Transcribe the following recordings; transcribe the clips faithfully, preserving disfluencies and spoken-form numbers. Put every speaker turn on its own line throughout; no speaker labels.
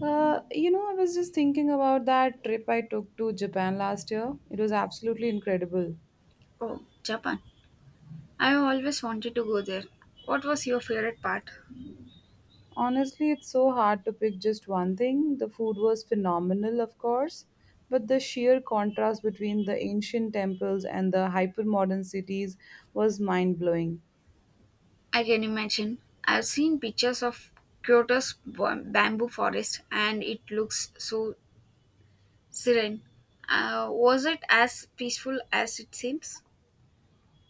Uh, you know, I was just thinking about that trip I took to Japan last year. It was absolutely incredible.
Oh, Japan. I always wanted to go there. What was your favorite part?
Honestly, it's so hard to pick just one thing. The food was phenomenal, of course, but the sheer contrast between the ancient temples and the hypermodern cities was mind-blowing.
I can imagine. I've seen pictures of Kyoto's ba- bamboo forest, and it looks so serene. Uh, was it as peaceful as it seems?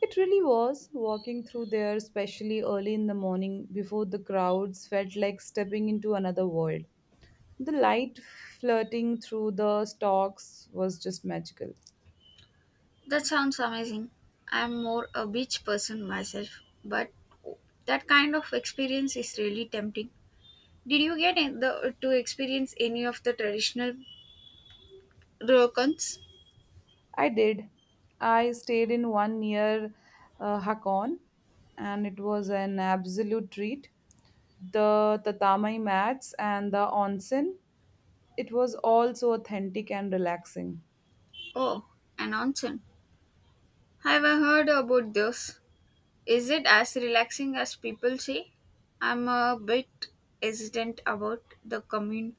It really was. Walking through there, especially early in the morning before the crowds, felt like stepping into another world. The light flirting through the stalks was just magical.
That sounds amazing. I'm more a beach person myself, but that kind of experience is really tempting. Did you get in the, to experience any of the traditional ryokans?
I did. I stayed in one near uh, Hakon, and it was an absolute treat. The tatami mats and the onsen, it was all so authentic and relaxing.
Oh, an onsen. Have I heard about this? Is it as relaxing as people say? I'm a bit hesitant about the commun-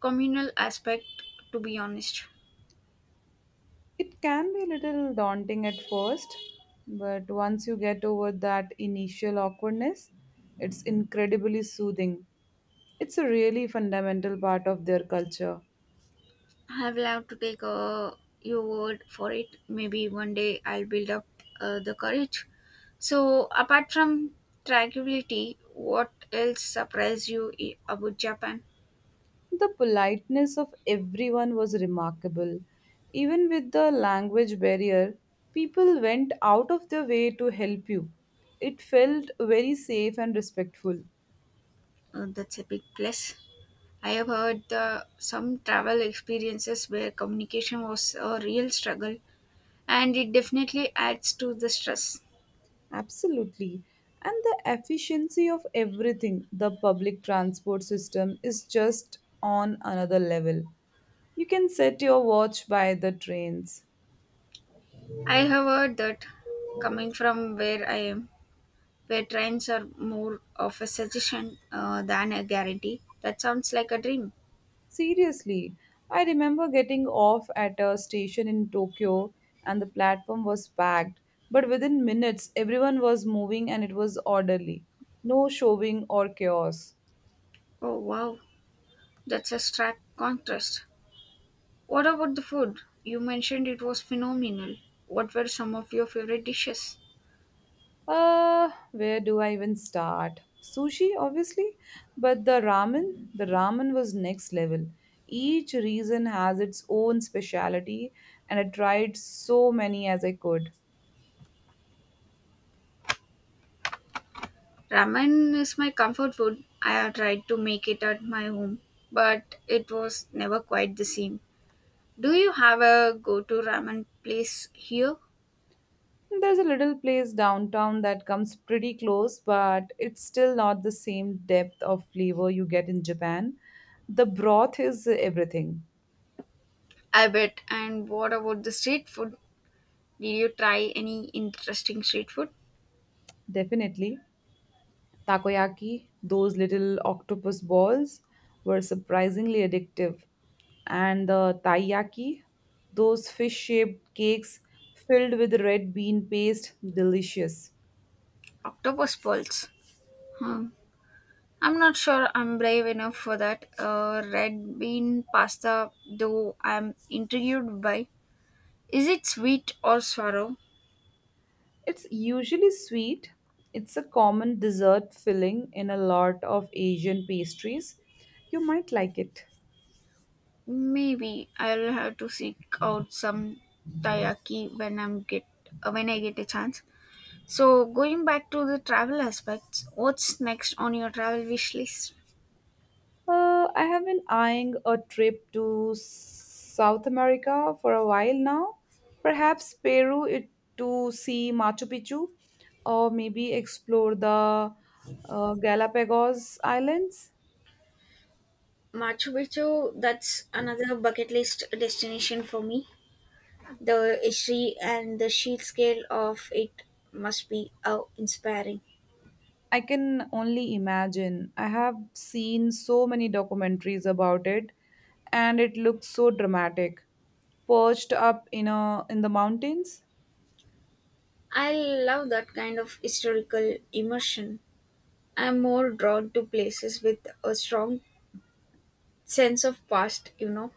communal aspect, to be honest.
It can be a little daunting at first, but once you get over that initial awkwardness, it's incredibly soothing. It's a really fundamental part of their culture.
I will have to take uh, your word for it. Maybe one day I'll build up uh, the courage. So, apart from tranquility, what else surprised you i- about Japan?
The politeness of everyone was remarkable. Even with the language barrier, people went out of their way to help you. It felt very safe and respectful.
Uh, that's a big plus. I have heard the, some travel experiences where communication was a real struggle, and it definitely adds to the stress.
Absolutely. And the efficiency of everything, the public transport system is just on another level. You can set your watch by the trains.
I have heard that coming from where I am, where trains are more of a suggestion uh, than a guarantee, that sounds like a dream.
Seriously, I remember getting off at a station in Tokyo and the platform was packed, but within minutes everyone was moving and it was orderly. No shoving or chaos.
Oh wow, that's a stark contrast. What about the food? You mentioned it was phenomenal. What were some of your favorite dishes?
Uh, where do I even start? Sushi, obviously, but the ramen, the ramen was next level. Each region has its own specialty, and I tried so many as I could.
Ramen is my comfort food. I have tried to make it at my home, but it was never quite the same. Do you have a go to ramen place here?
There's a little place downtown that comes pretty close, but it's still not the same depth of flavor you get in Japan. The broth is everything,
I bet. And what about the street food? Did you try any interesting street food?
definitely. Takoyaki, those little octopus balls, were surprisingly addictive. And the taiyaki, those fish shaped cakes filled with red bean paste, delicious.
Octopus balls. Hmm. I'm not sure I'm brave enough for that. Uh, red bean pasta, though, I'm intrigued by. Is it sweet or sour?
It's usually sweet. It's a common dessert filling in a lot of Asian pastries. You might like it.
Maybe I'll have to seek out some taiyaki when I'm get uh, when I get a chance. So going back to the travel aspects, what's next on your travel wish list?
Uh, I have been eyeing a trip to South America for a while now. Perhaps Peru it, to see Machu Picchu or maybe explore the uh, Galapagos Islands.
Machu Picchu, that's another bucket list destination for me. The history and the sheer scale of it must be awe inspiring.
I can only imagine. I have seen so many documentaries about it, and it looks so dramatic, perched up in a in the mountains.
I love that kind of historical immersion. I'm more drawn to places with a strong sense of past, you know.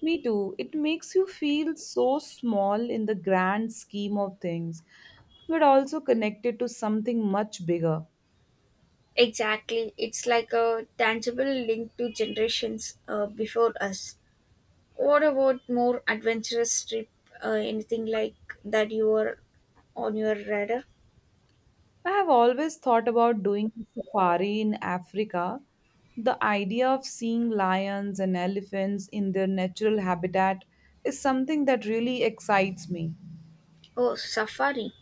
Me too. It makes you feel so small in the grand scheme of things, but also connected to something much bigger.
Exactly. It's like a tangible link to generations uh, before us. What about more adventurous trip? Uh, anything like that you were on your radar?
I have always thought about doing a safari in Africa. The idea of seeing lions and elephants in their natural habitat is something that really excites me.
Oh, safari.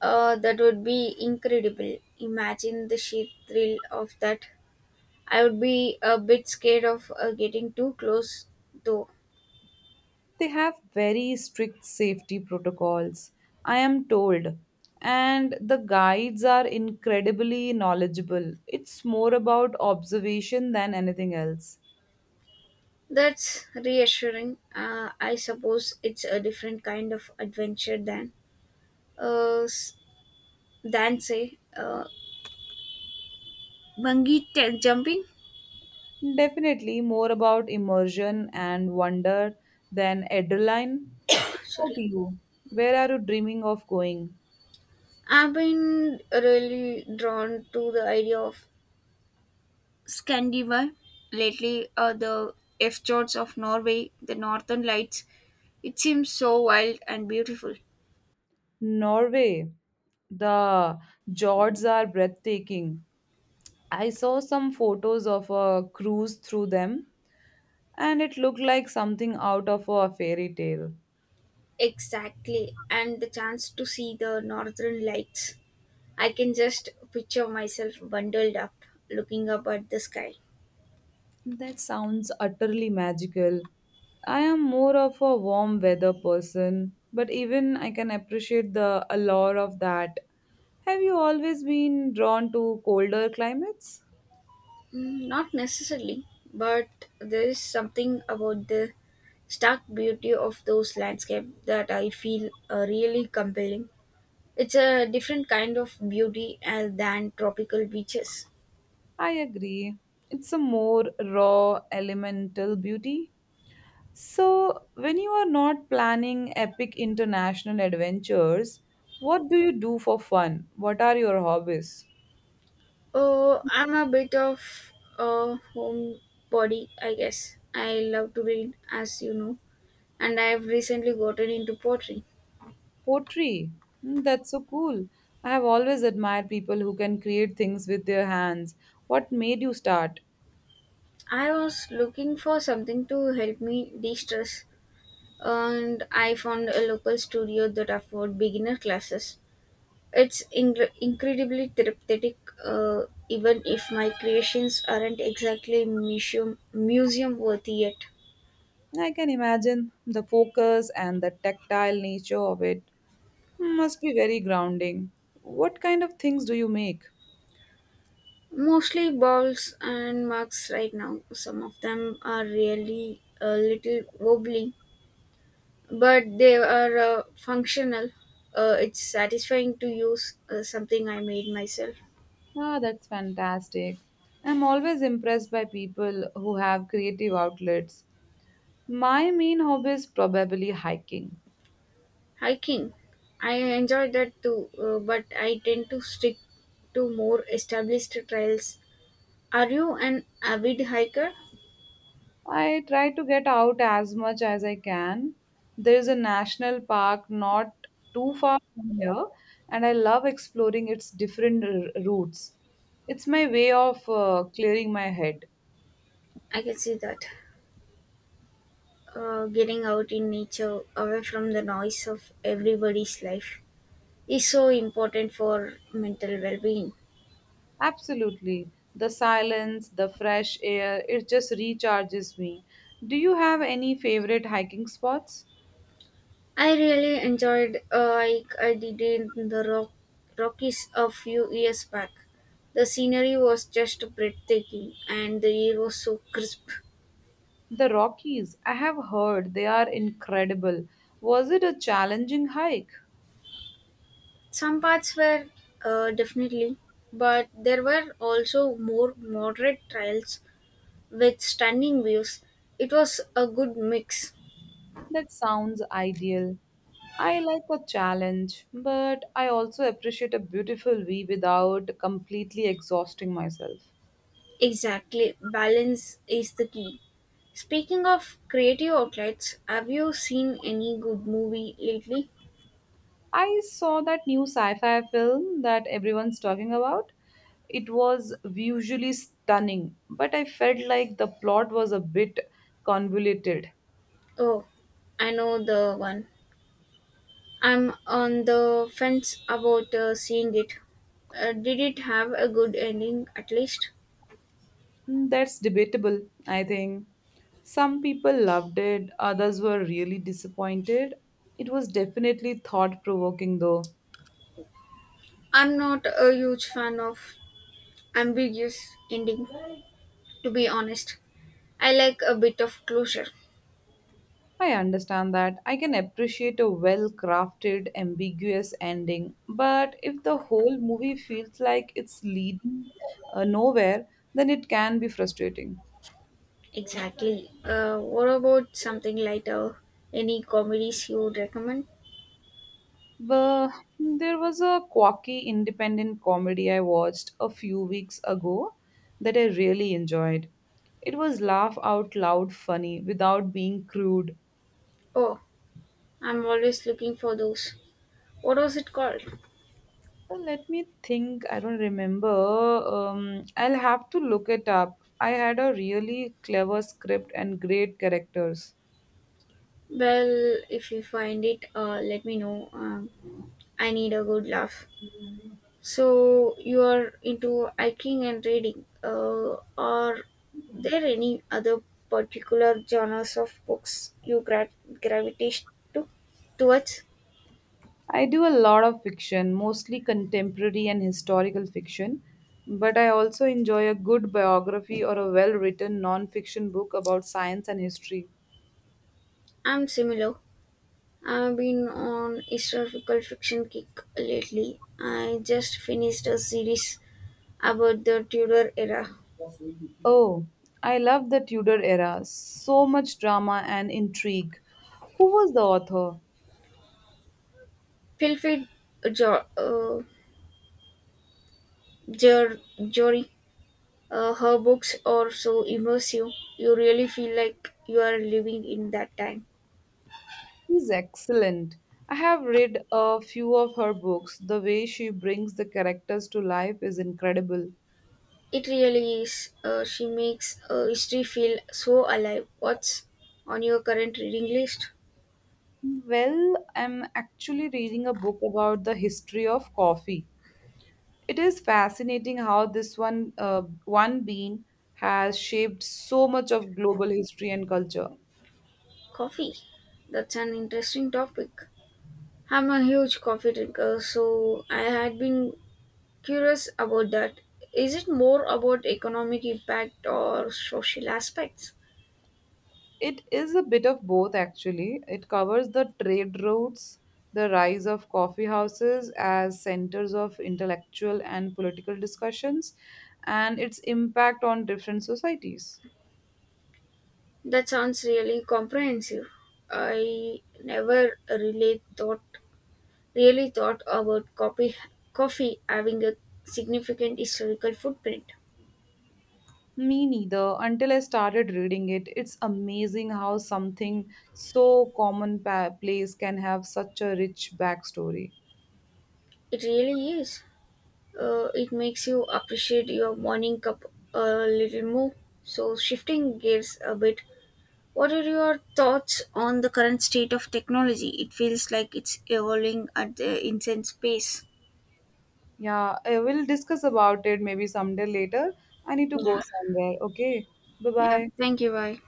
Uh, that would be incredible. Imagine the sheer thrill of that. I would be a bit scared of uh, getting too close, though.
They have very strict safety protocols, I am told, and the guides are incredibly knowledgeable. It's more about observation than anything else.
That's reassuring. Uh, I suppose it's a different kind of adventure than, uh, s- than say, uh, bungee t- jumping.
Definitely more about immersion and wonder than adrenaline. What about
Sorry.
you? Where are you dreaming of going?
I've been really drawn to the idea of Scandinavia, lately uh, the F fjords of Norway, the northern lights. It seems so wild and beautiful.
Norway. The fjords are breathtaking. I saw some photos of a cruise through them, and it looked like something out of a fairy tale.
Exactly, and the chance to see the northern lights. I can just picture myself bundled up, looking up at the sky.
That sounds utterly magical. I am more of a warm weather person, but even I can appreciate the allure of that. Have you always been drawn to colder climates?
Mm, not necessarily, but there is something about the stark beauty of those landscapes that I feel uh, really compelling. It's a different kind of beauty uh, than tropical beaches.
I agree. It's a more raw, elemental beauty. So, when you are not planning epic international adventures, what do you do for fun? What are your hobbies?
Oh, I'm a bit of a homebody, I guess. I love to read, as you know, and I've recently gotten into poetry.
Pottery. Mm, that's so cool. I have always admired people who can create things with their hands. What made you start?
I was looking for something to help me de stress, and I found a local studio that offered beginner classes. It's ingr incredibly therapeutic, uh, even if my creations aren't exactly museum museum worthy yet.
I can imagine the focus and the tactile nature of it must be very grounding. What kind of things do you make?
Mostly balls and mugs right now. Some of them are really a little wobbly, but they are uh, functional. Uh, it's satisfying to use uh, something I made myself.
Ah, that's fantastic. I'm always impressed by people who have creative outlets. My main hobby is probably hiking.
Hiking, I enjoy that too, uh, but I tend to stick to more established trails. Are you an avid hiker?
I try to get out as much as I can. There is a national park not too far from here, and I love exploring its different r- routes. It's my way of uh, clearing my head.
I can see that. Uh, getting out in nature away from the noise of everybody's life is so important for mental well-being.
Absolutely. The silence, the fresh air, it just recharges me. Do you have any favorite hiking spots?
I really enjoyed uh, I, I did in the rock, Rockies a few years back. The scenery was just breathtaking and the air was so crisp.
The Rockies, I have heard they are incredible. Was it a challenging hike?
Some parts were uh, definitely, but there were also more moderate trails with stunning views. It was a good mix.
That sounds ideal. I like a challenge, but I also appreciate a beautiful view without completely exhausting myself.
Exactly, balance is the key. Speaking of creative outlets, have you seen any good movie lately?
I saw that new sci-fi film that everyone's talking about. It was visually stunning, but I felt like the plot was a bit convoluted.
Oh, I know the one. I'm on the fence about uh, seeing it. Uh, did it have a good ending at least?
Mm, that's debatable, I think. Some people loved it, others were really disappointed. It was definitely thought provoking though.
I'm not a huge fan of ambiguous ending, to be honest. I like a bit of closure.
I understand that. I can appreciate a well crafted, ambiguous ending, but if the whole movie feels like it's leading uh, nowhere, then it can be frustrating.
Exactly. Uh, what about something lighter? Any comedies you would recommend?
But there was a quirky independent comedy I watched a few weeks ago that I really enjoyed. It was laugh out loud funny without being crude.
Oh, I'm always looking for those. What was it called?
Well, let me think. I don't remember. Um, I'll have to look it up. I had a really clever script and great characters.
Well, if you find it, uh, let me know. Um, I need a good laugh. So you are into hiking and reading. Uh, are there any other particular genres of books you gra- gravitate to towards?
I do a lot of fiction, mostly contemporary and historical fiction, but I also enjoy a good biography or a well written non fiction book about science and history.
I'm similar. I've been on historical fiction kick lately. I just finished a series about the Tudor era.
Oh, I love the Tudor era. So much drama and intrigue. Who was the author?
Feel free, uh, jo- uh, Jer- Jory. Uh, her books are so immersive. You really feel like you are living in that time.
She's excellent. I have read a few of her books. The way she brings the characters to life is incredible.
It really is. Uh, she makes uh, history feel so alive. What's on your current reading list?
Well, I'm actually reading a book about the history of coffee. It is fascinating how this one uh, one bean has shaped so much of global history and culture.
Coffee. That's an interesting topic. I'm a huge coffee drinker, so I had been curious about that. Is it more about economic impact or social aspects?
It is a bit of both, actually. It covers the trade routes, the rise of coffee houses as centers of intellectual and political discussions, and its impact on different societies.
That sounds really comprehensive. I never really thought really thought about coffee coffee having a significant historical footprint.
Me neither, until I started reading it. It's amazing how something so commonplace can have such a rich backstory.
It really is. Uh, it makes you appreciate your morning cup a little more. So shifting gears a bit, what are your thoughts on the current state of technology? It feels like it's evolving at the insane pace.
Yeah, I will discuss about it maybe someday later. I need to go
Yeah.
somewhere. Okay, bye
Yeah.
bye.
Thank you. Bye.